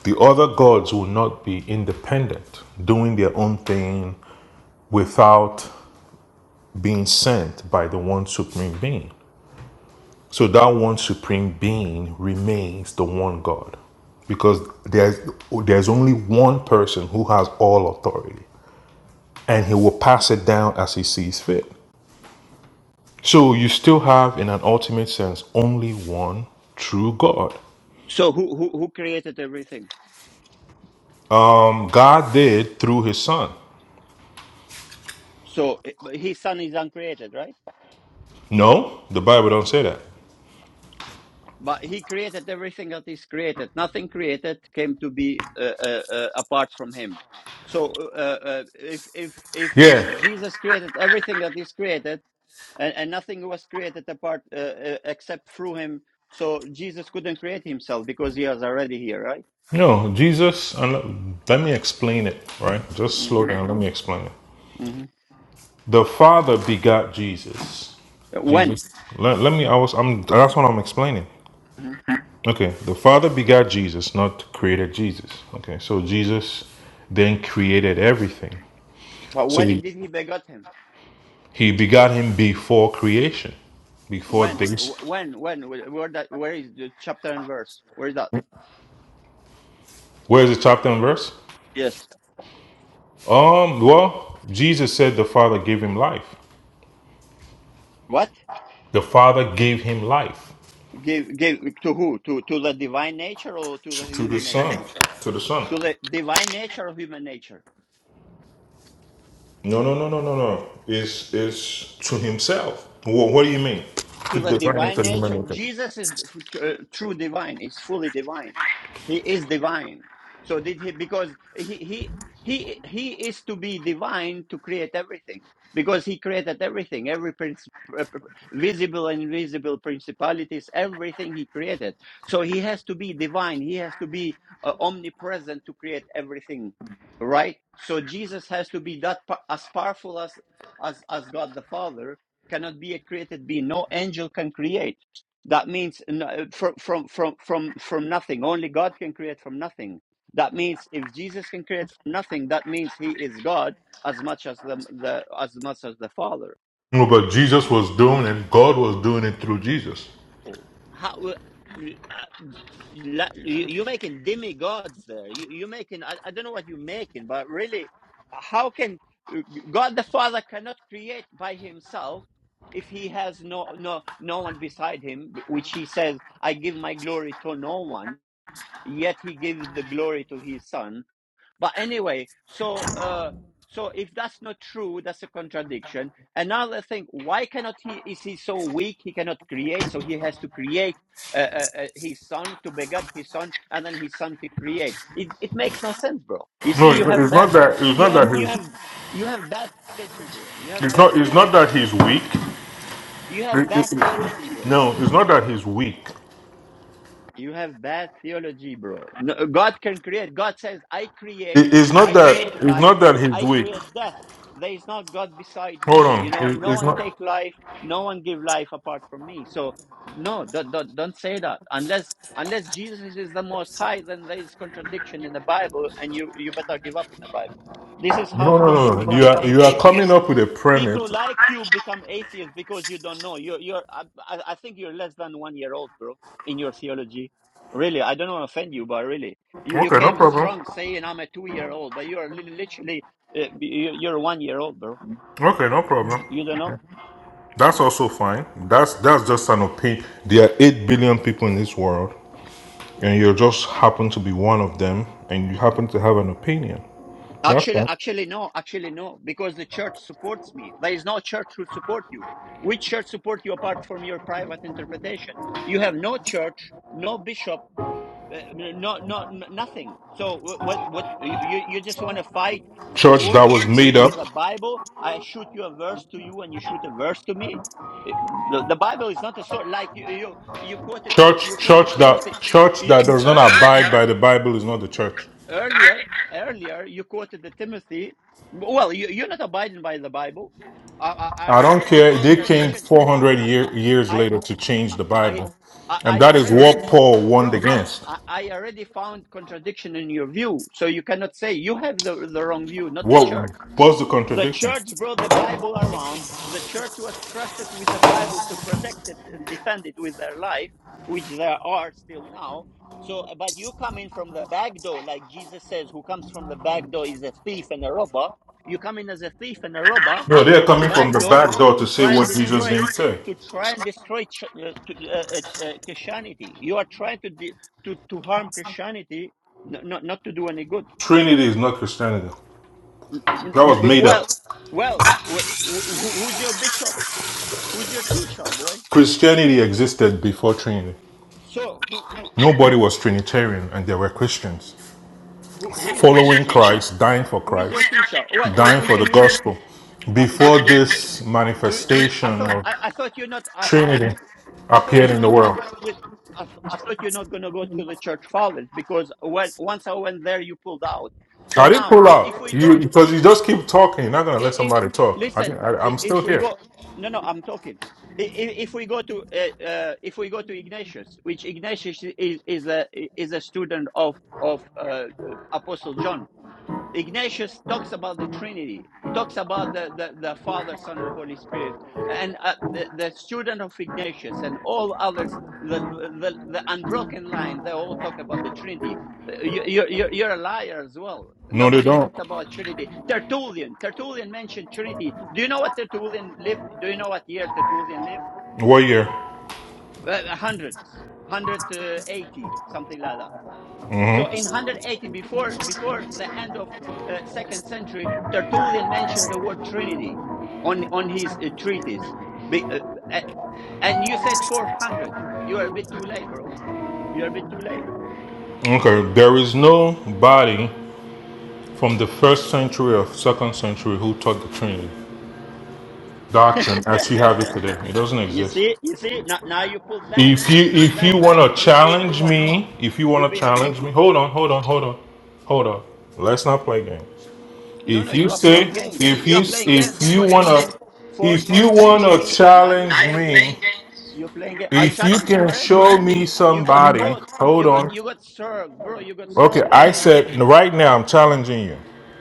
C: The other gods will not be independent, doing their own thing without being sent by the one supreme being. So that one supreme being remains the one God. Because there's there's only one person who has all authority and he will pass it down as he sees fit. So you still have in an ultimate sense only one true God.
A: So who who who created everything?
C: Um God did through his son.
A: So eh, but his son is uncreated, right?
C: No, the Bible don't say that.
A: But he created everything that is created. Nothing created came to be uh, uh, uh, apart from him. So uh, uh, if if if
C: Yeah.
A: Jesus created everything that is created, and, and nothing was created apart uh, uh, except through him, so Jesus couldn't create himself because he was already here, right?
C: No, Jesus and let me explain it, right? Just slow
A: hmm
C: down, let me explain it.
A: hmm
C: The Father begot Jesus.
A: When?
C: Jesus. Let, let me. I was. I'm. That's what I'm explaining.
A: hmm
C: Okay. The Father begot Jesus, not created Jesus. Okay. So Jesus then created everything.
A: But
C: So
A: when
C: he,
A: did he begot him?
C: he begot him before creation, before
A: When?
C: things.
A: Wh- When? When? Wh- Where that? Where is the chapter and verse? Where is that?
C: Where's the chapter and verse?
A: Yes.
C: Um. Well, Jesus said the Father gave him life.
A: What?
C: The Father gave him life
A: Give give to who? To to the divine nature or to the
C: to the
A: human
C: Son.
A: nature?
C: To the Son.
A: To the divine nature or human nature?
C: No, no, no, no, no, no. It's it's to himself. Well, what do you mean? To
A: to the
C: design it
A: divine
C: for him.
A: nature. Jesus is uh, true divine, is fully divine. He is divine. So did he because he he he he is to be divine to create everything because he created everything every prince, visible and invisible principalities everything he created so he has to be divine he has to be uh, omnipresent to create everything right so jesus has to be that as powerful as as as god the father cannot be a created being. No angel can create. That means no- from from from from from nothing. Only God can create from nothing. That means if Jesus can create from nothing, that means He is God as much as the, the as much as the Father.
C: No, but Jesus was doing it. God was doing it through Jesus.
A: Oh, how uh, la- you- you're making demigods there. You, you're making, I, I don't know what you're making, but really, how can God the Father cannot create by himself if he has no, no, no one beside him, which he says, I give my glory to no one, yet he gives the glory to his son. But anyway, so uh, so if that's not true, that's a contradiction. Another thing, why cannot he? Is he so weak he cannot create? So he has to create uh, uh, uh, his son to beget his son, and then his son to create. It it makes no sense, bro. You
C: No,
A: see,
C: it's
A: you have
C: it's
A: bad,
C: not that. It's
A: you
C: not that
A: have you have
C: he's.
A: you have bad theology, bro. You have
C: It's
A: bad
C: not. It's not that
A: theology.
C: he's weak.
A: You have
C: It-
A: bad
C: it-
A: theology,
C: it-
A: bro.
C: no, it's not that he's weak.
A: You have bad theology, bro. No, God can create. God says, I create,
C: It- it's not
A: I
C: that.
A: create
C: It's
A: life,
C: not that he's
A: I
C: weak.
A: create death. There is not God beside
C: Hold
A: me. You
C: on.
A: know,
C: It-
A: no
C: it's
A: one
C: not.
A: take life, no one give life apart from me. So no, don't, don't, don't say that. Unless unless Jesus is the most high, then there is contradiction in the Bible and you, you better give up in the Bible. This is
C: No,
A: how
C: no,
A: people
C: no, no. You
A: become
C: are you are
A: atheists
C: coming up with a
A: People
C: premise.
A: like you become atheists because you don't know. You're, you're. I, I think you're less than one year old, bro, in your theology. Really, I don't want to offend you, but really, you, you
C: Okay, no
A: came
C: problem.
A: strong saying I'm a two year old, but you are li- literally uh, you- you're one year old, bro.
C: Okay, no problem.
A: You don't know.
C: That's also fine. That's that's just an opinion. There are eight billion people in this world, and you just happen to be one of them, and you happen to have an opinion. That's
A: Actually,
C: fine.
A: actually no, actually no, because the church supports me. There is no church who support you. Which church support you apart from your private interpretation? You have no church, no bishop Uh, n- no, no, nothing. So what? What? you you just want to fight
C: Church that was
A: swords with
C: made up,
A: with the Bible? I shoot you a verse to you, and you shoot a verse to me. Uh, The, the Bible is not a sword. Like you you you quoted uh, you
C: church church
A: quoted
C: that
A: Timothy
C: church
A: you,
C: that does not
A: earlier
C: abide by the Bible is not the church.
A: earlier earlier. You quoted the Timothy. Well, you, you're not abiding by the Bible. I, I I
C: I
A: already
C: don't
A: found
C: care. They came
A: contradiction.
C: four hundred year, years
A: I
C: later to change the
A: I
C: Bible,
A: I
C: and
A: I
C: that is what
A: already,
C: Paul warned
A: bro.
C: against.
A: I, I already found contradiction in your view, so you cannot say you have the the wrong view, not the
C: What
A: church.
C: was the
A: The
C: contradiction?
A: church brought the Bible around. The church was trusted with the Bible to protect it and defend it with their life, which there are still now. So, but you come in from the back door, like Jesus says, who comes from the back door is a thief and a robber. You come in as a thief and a robber
C: No, they are
A: from a
C: coming from
A: back
C: the
A: door
C: back door
A: to
C: to say
A: try and
C: what Jesus
A: destroy,
C: didn't say.
A: to try and destroy ch- uh, to- uh, uh, uh, Christianity. You are trying to de- to to harm Christianity, n- not not to do any good.
C: Trinity is not Christianity. That was
A: But-
C: made up.
A: Well, well, wh- wh- who- who's your bishop? Who's your teacher, boy?
C: Christianity existed before Trinity.
A: So, who
C: Nobody was Trinitarian, and there were Christians
A: who, who is your
C: following
A: teacher?
C: Christ, dying for
A: Who is
C: Christ,
A: your teacher? Well, we,
C: dying
A: we
C: for the
A: can read.
C: gospel.
A: Uh, do,
C: Before
A: do,
C: this
A: do- I
C: manifestation
A: thought
C: of
A: I, I thought you're not I, I thought you
C: Trinity
A: I thought
C: appeared
A: you're
C: in
A: not
C: the
A: gonna
C: world,
A: go to the I, th- I thought you're not gonna go to the church fathers because when once I went there you pulled out. So
C: I didn't
A: now
C: pull
A: if, if
C: out
A: we
C: you
A: don't
C: because you just keep talking. You're
A: i
C: not gonna
A: i
C: let
A: i-
C: somebody talk. I,
A: listen,
C: didn't- I,
A: i-
C: I'm
A: if
C: still
A: we
C: here.
A: go, no, no, I'm talking. I- i- If we go to uh, uh, if we go to Ignatius, which Ignatius is is a is a student of of uh, uh, Apostle John, Ignatius talks about the Trinity, talks about the, the, the Father, Son, and Holy Spirit. And uh, the, the student of Ignatius and all others, the, the, the unbroken line, they all talk about the Trinity. Uh, You, you, you're you're a liar as well.
C: No, they
A: Nobody
C: don't.
A: talked about Trinity. Tertullian, Tertullian mentioned Trinity. Do you know what Tertullian lived? Do you know what year Tertullian lived?
C: What year?
A: Uh, hundreds, 180, something like that. So in 180 before before the end of uh, second century, Tertullian mentioned the word Trinity on on his uh, treatise. Be, uh, uh, and you said 400. You are a bit too late, bro. You are a bit too late.
C: Okay, there is no body from the first century or second century who taught the Trinity. doctrine as we have it today. It doesn't
A: you
C: exist.
A: see, you see. Now, now you pull back.
C: If
A: Now
C: you
A: you pull
C: if
A: back
C: you want
A: because
C: to
A: you've been proven
C: challenge
A: wrong.
C: me, if you
A: You've
C: want to
A: been proven.
C: challenge me, hold on, hold on, hold on, hold on. Let's not play games.
A: No, no,
C: If you
A: you are
C: say
A: playing games.
C: if
A: You are
C: you
A: playing games
C: if you
A: because you
C: want
A: said
C: to
A: fourth
C: if you want
A: century.
C: to
A: Now you're
C: challenge
A: playing
C: me,
A: games. You're playing game. I
C: if you
A: challenge you
C: can
A: already.
C: show me
A: You got
C: somebody,
A: caught.
C: hold
A: You got
C: on.
A: you got served, bro. You got
C: Okay,
A: served
C: I
A: already.
C: said right now I'm challenging you.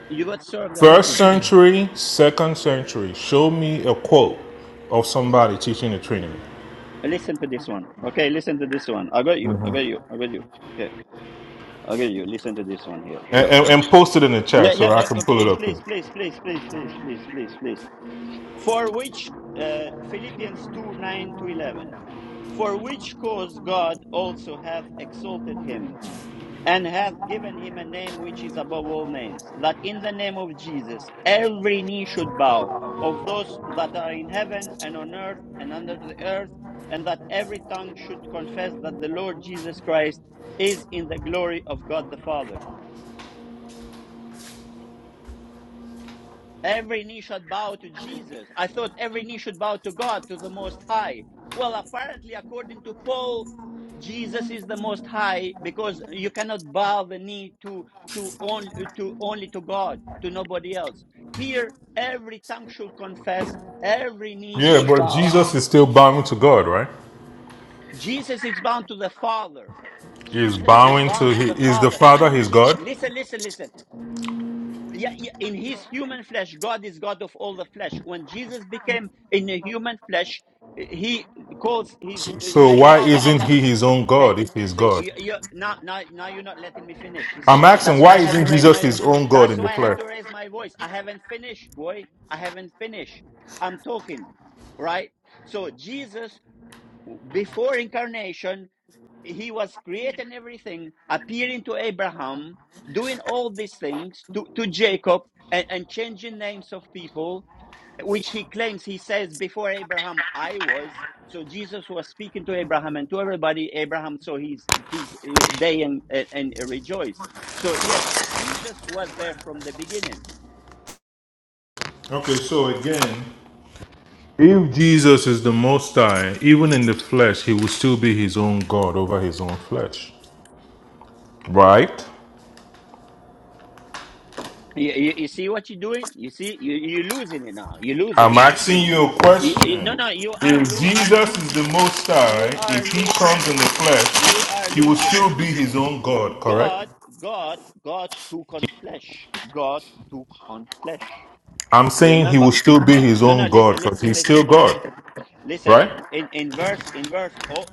A: You got served
C: First
A: already.
C: century, second century. Show me a quote of somebody teaching the Trinity.
A: Listen to this one. Okay, listen to this one. I got you. I got you. I got you. Okay. I got you. Listen to this one here.
C: and,
A: Look.
C: and, and post it in the chat
A: Le-
C: so
A: le-
C: I
A: uh,
C: can
A: uh,
C: pull it
A: please,
C: up. Here.
A: please, please, please, please, please, please, please, please. For which uh, Philippians 2 9 to 11. For which cause God also hath exalted him, and hath given him a name which is above all names, that in the name of Jesus every knee should bow, of those that are in heaven and on earth and under the earth, and that every tongue should confess that the Lord Jesus Christ is in the glory of God the Father. Every knee should bow to Jesus. I thought every knee should bow to God, to the Most High. Well, apparently, according to Paul, Jesus is the Most High because you cannot bow the knee to to only to only to God, to nobody else. Here, every tongue should confess, every knee
C: Yeah,
A: should
C: but
A: bow.
C: Jesus is still bowing to God, right?
A: Jesus is bound to the Father.
C: He's
A: Jesus is
C: bowing to
A: bound to
C: he
A: the
C: is the
A: Father.
C: Father, He's
A: Je-
C: God.
A: listen, listen, listen. yeah, yeah, in his human flesh, God is God of all the flesh. When Jesus became in a human flesh, he calls his
C: So
A: his
C: why
A: father.
C: isn't he his own
A: Okay,
C: God if he's
A: see,
C: God?
A: you, you now now now you're not letting me finish. You
C: I'm
A: see,
C: asking
A: that's why
C: why
A: I have to
C: isn't
A: raise
C: Jesus
A: my.
C: his own God
A: That's
C: in the
A: why I have
C: flesh?
A: to raise my voice. I haven't finished, boy. I haven't finished. I'm talking, right? So Jesus, before incarnation, he was creating everything, appearing to Abraham, doing all these things to, to Jacob, and, and changing names of people, which he claims he says, Before Abraham, I was. So Jesus was speaking to Abraham and to everybody, Abraham, so he's he's uh, day and, and, and rejoice. So, yes, Jesus was there from the beginning.
C: Okay, so again, if Jesus is the Most High, even in the flesh, he will still be his own God over his own flesh, right?
A: You, you, you see what you're doing? You see, you, you're losing it now. You're losing
C: I'm
A: it now.
C: asking you a
A: You, you, no,
C: question.
A: no, you are
C: If
A: losing it.
C: Jesus is the Most High,
A: You
C: if
A: are
C: he
A: losing
C: comes
A: it.
C: in the
A: You are
C: flesh, he will
A: losing it.
C: still be his own God, correct?
A: God, God, God took on flesh. God took on flesh.
C: I'm
A: You
C: saying he
A: remember?
C: will still be his
A: No, no,
C: own God
A: listen,
C: because
A: listen,
C: he's still
A: listen,
C: God,
A: listen. Listen,
C: right?
A: in, in verse, in verse, oh,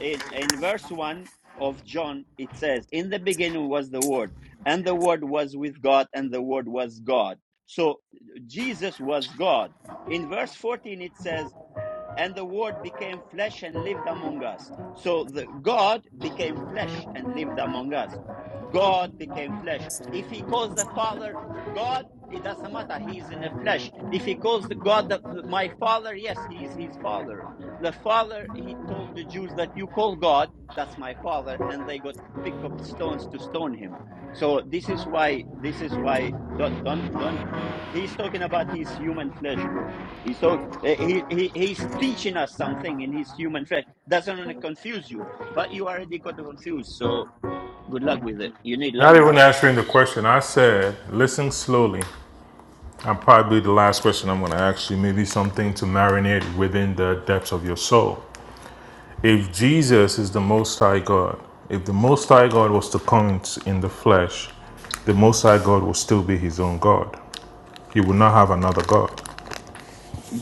A: in, in verse one of John, it says, in the beginning was the word and the word was with God and the word was God. So Jesus was God. In verse 14, it says, and the word became flesh and lived among us so the god became flesh and lived among us god became flesh if he calls the father god it doesn't matter he is in the flesh if he calls the god the, my father yes he is his father the father he told the jews that you call god that's my father and they got pick up stones to stone him so this is why this is why don't don't, don't he's talking about his human flesh bro He's talking. Eh, He, he, he's teaching us something in his human flesh. Doesn't want to confuse you, but you already got confused. So good luck with it. You need
C: Not
A: luck.
C: even answering the question. I said, listen slowly. I'm probably the last question I'm going to ask you, maybe something to marinate within the depths of your soul. if Jesus is the Most High God, if the Most High God was to come in the flesh, the Most High God will still be his own God. He will not have another God.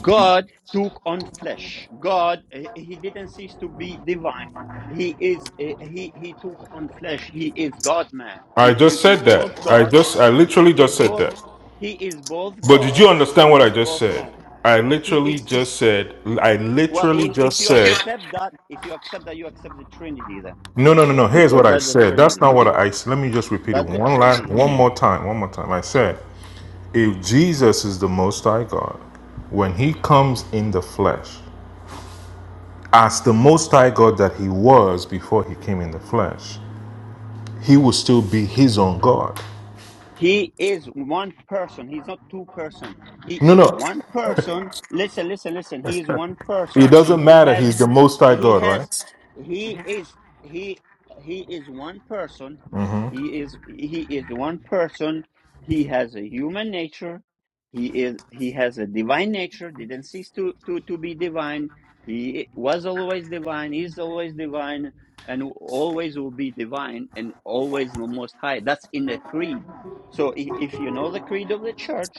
A: God took on flesh. God, eh, he didn't cease to be divine. He is, eh, he, he took on flesh. He is God man.
C: I
A: He, he
C: just said
A: is both
C: that. I
A: God,
C: just, I literally
A: is
C: just said
A: both,
C: that.
A: he is both
C: But did
A: God
C: you
A: and he
C: understand what I
A: is
C: just
A: both
C: said?
A: man.
C: I
A: He
C: literally
A: is,
C: just said, I
A: well,
C: literally
A: i- if
C: just
A: you
C: said,
A: accept that, if you accept that, you accept the Trinity then,
C: no, no, no, no. Here's
A: because
C: what I
A: that's the
C: said. That's
A: Trinity.
C: not what I, said. let me just repeat it
A: That's the
C: one last,
A: Trinity
C: one more time, one more time. I said, if Jesus is the Most High God, when he comes in the flesh, as the Most High God that He was before He came in the flesh, He will still be His own God.
A: He is one person. He's not two person. He
C: No,
A: is
C: no,
A: one person. Listen, listen, listen. He is one
C: it
A: person.
C: doesn't
A: He
C: matter.
A: has
C: He's the Most High
A: he
C: God,
A: has
C: right?
A: he is he he is one person he is he is one person he has a human nature he is he has a divine nature didn't cease to to to be divine he was always divine is always divine and always will be divine and always the most high that's in the creed so i- if you know the creed of the church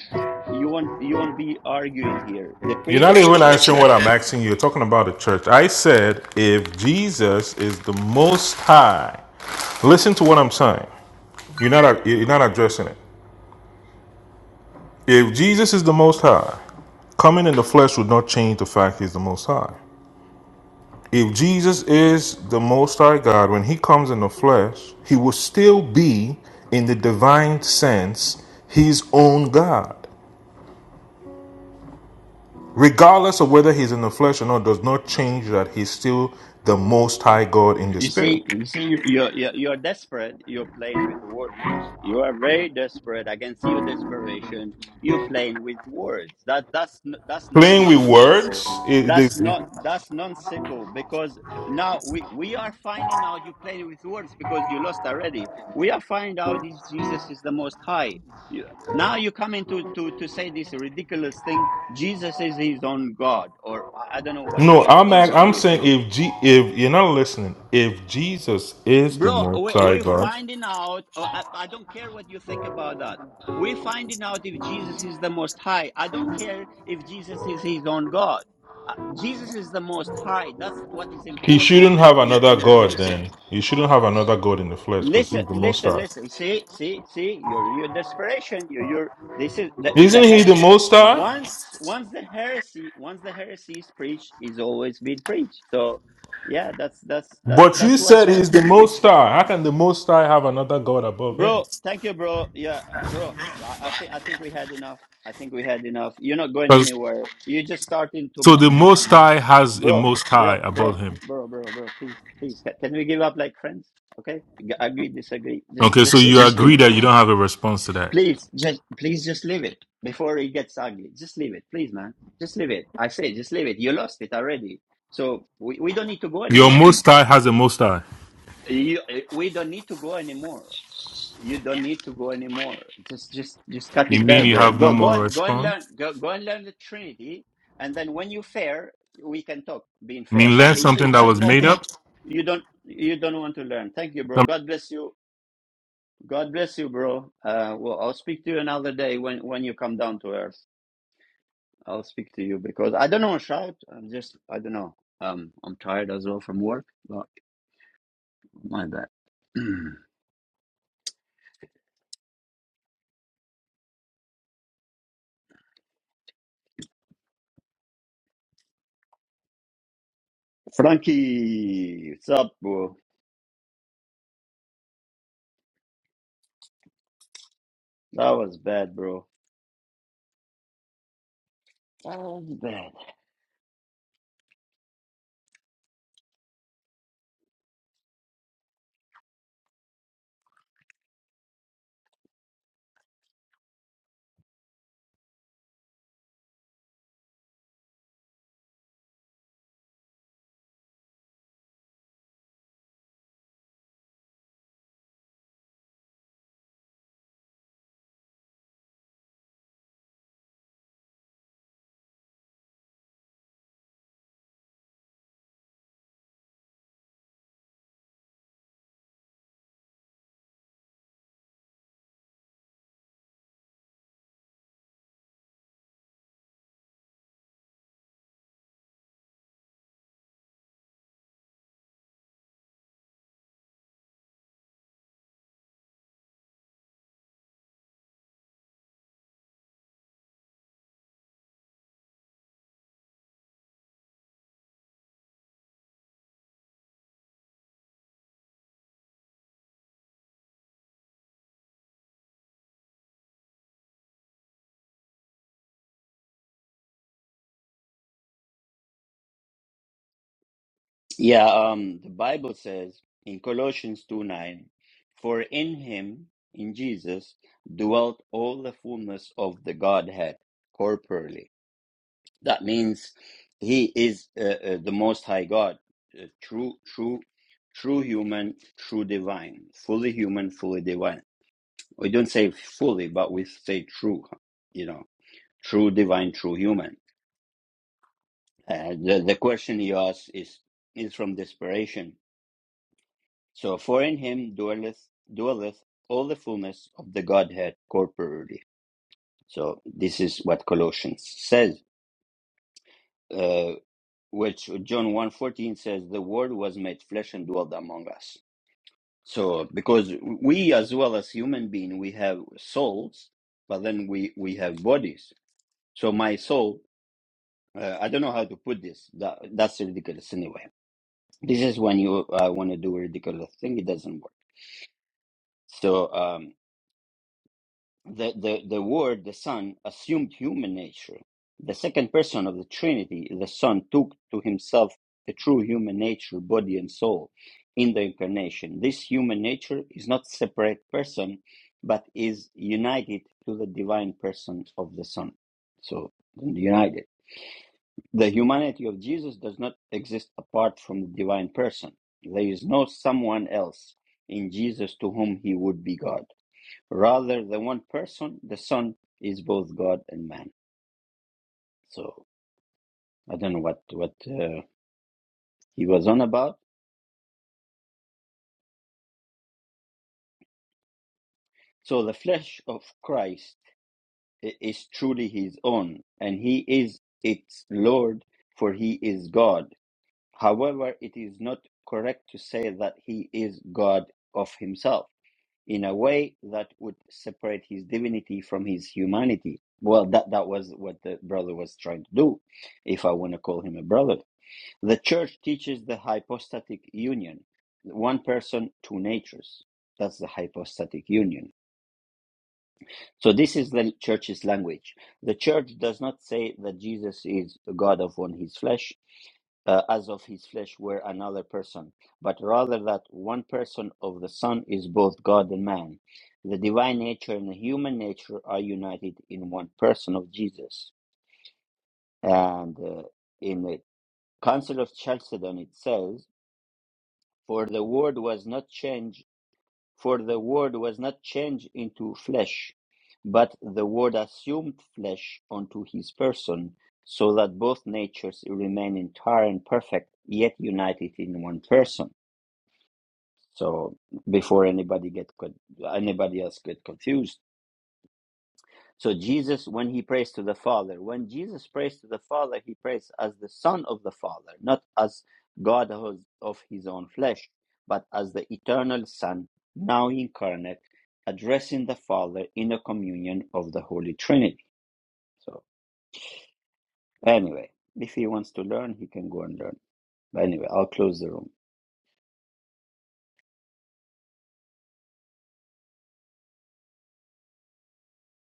A: you won't you won't be arguing here the
C: You're
A: creed
C: not
A: of the
C: even
A: church
C: answering
A: says
C: what I'm asking you. You're talking about the church. I said, if Jesus is the Most High, listen to what I'm saying. You're not you're not addressing it. If Jesus is the Most High, coming in the flesh would not change the fact He's the Most High. If Jesus is the Most High God, when He comes in the flesh, He will still be, in the divine sense, His own God. Regardless of whether He's in the flesh or not, does not change that He's still the Most High God in the
A: You
C: Spirit.
A: see, you see, you, you're, you're you're desperate. You're playing with words now. You are very desperate. I can see your desperation. You're playing with words. That that's n- that's non
C: Playing with words,
A: nonsensical.
C: it,
A: That's
C: this,
A: not that's nonsensical because now we we are finding out you're playing with words because you lost already. We are finding out is Jesus is the Most High. You, now you're coming to to to say this ridiculous thing. Jesus is his own God, or I I don't know what
C: no,
A: what's
C: I'm
A: wrong
C: act-
A: with
C: I'm
A: you
C: saying if G, if you're not listening, if Jesus is the
A: Bro,
C: Most
A: we,
C: High
A: we're
C: God,
A: finding out. uh, I, I don't care what you think about that. We're finding out if Jesus is the Most High. I don't care if Jesus is his own God. Uh, Jesus is the Most High. That's what is
C: He
A: important
C: shouldn't have
A: here in the
C: another God.
A: conversation.
C: Then He shouldn't have another God in the flesh because He's
A: Listen,
C: the Most
A: listen,
C: High.
A: listen. See, see, see. Your your desperation. Your your. This is the the
C: Isn't he
A: her-
C: the Most High?
A: once once the heresy once the heresy is preached is always being preached. So yeah, that's that's that's
C: But you
A: that's what
C: said he's the
A: heretics do.
C: Most High. How can the Most High have another God above him?
A: Bro, thank you, bro. Yeah, uh, bro. I, I think I think we had enough. I think we had enough. You're not going
C: 'Cause-
A: anywhere. You're just starting to
C: So
A: mock
C: the
A: now,
C: Most High has a
A: bro,
C: Most High
A: bro,
C: above
A: bro,
C: him.
A: bro, bro, bro. Please, please. Ca- Can we give up like friends? Okay, G- agree, disagree. Just,
C: Okay, so
A: just leave
C: you
A: it, please,
C: agree that you don't have a response to that.
A: please. Just, please, just leave it before it gets ugly. Just leave it, please, man. Just leave it. I say, just leave it. You lost it already, so we, we don't need to go
C: Your
A: anymore.
C: Most High has a Most High.
A: You, eh, we don't need to go anymore. You don't need to go anymore. Just, just, just cut
C: You
A: it
C: mean
A: there,
C: you
A: bro.
C: have no
A: Go, go,
C: more
A: and go and
C: response?
A: learn. Go, go and learn the Trinity, and then when you fair, we can talk. Being
C: I
A: fair,
C: mean,
A: but
C: learn
A: if you
C: something that
A: start
C: was made
A: mocking,
C: up?
A: you don't, you don't want to learn. Thank you, bro. God bless you. God bless you, bro. Uh, well, I'll speak to you another day when when you come down to earth. I'll speak to you because I don't know. Shout. I'm just, I don't know. Um, I'm tired as well from work, but my bad. Frankie, what's up, bro? That was bad, bro. That was bad. Yeah, um, the Bible says in Colossians 2 9, for in him, in Jesus, dwelt all the fullness of the Godhead corporally. That means he is uh, uh, the Most High God, uh, true, true, true human, true divine, fully human, fully divine. We don't say fully, but we say true, you know, true divine, true human Uh, the, the question you ask is, is from desperation. So, for in him dwelleth, dwelleth all the fullness of the Godhead corporally. So, this is what Colossians says, uh, which John one fourteen says, the word was made flesh and dwelled among us. So, because we as well as human being, we have souls, but then we, we have bodies. So, my soul, uh, I don't know how to put this. That, that's ridiculous anyway This is when you uh, want to do a ridiculous thing. It doesn't work. So um, the, the the word, the Son, assumed human nature. The second person of the Trinity, the Son, took to himself the true human nature, body and soul, in the incarnation. This human nature is not separate person, but is united to the divine person of the Son. So united. The humanity of Jesus does not exist apart from the divine person. There is no someone else in Jesus to whom he would be God. Rather, the one person, the Son, is both God and man. So I don't know what what uh, he was on about. So the flesh of Christ is truly his own, and he is its Lord, for he is God. However, it is not correct to say that he is God of himself in a way that would separate his divinity from his humanity. Well, that, that was what the brother was trying to do, if I want to call him a brother. The church teaches the hypostatic union, one person, two natures. That's the hypostatic union. So, this is the church's language. The church does not say that Jesus is God of one, his flesh uh, as of his flesh were another person, but rather that one person of the Son is both God and man. The divine nature and the human nature are united in one person of Jesus. And uh, in the Council of Chalcedon, it says, "For the Word was not changed, for the Word was not changed into flesh, but the Word assumed flesh unto His person." So that both natures remain entire and perfect, yet united in one person So before anybody get con- anybody else get confused. So Jesus, when he prays to the Father, when Jesus prays to the Father, he prays as the Son of the Father, not as God of of his own flesh, but as the eternal Son, now incarnate, addressing the Father in a communion of the Holy Trinity. So anyway, if he wants to learn, he can go and learn. But anyway, I'll close the room.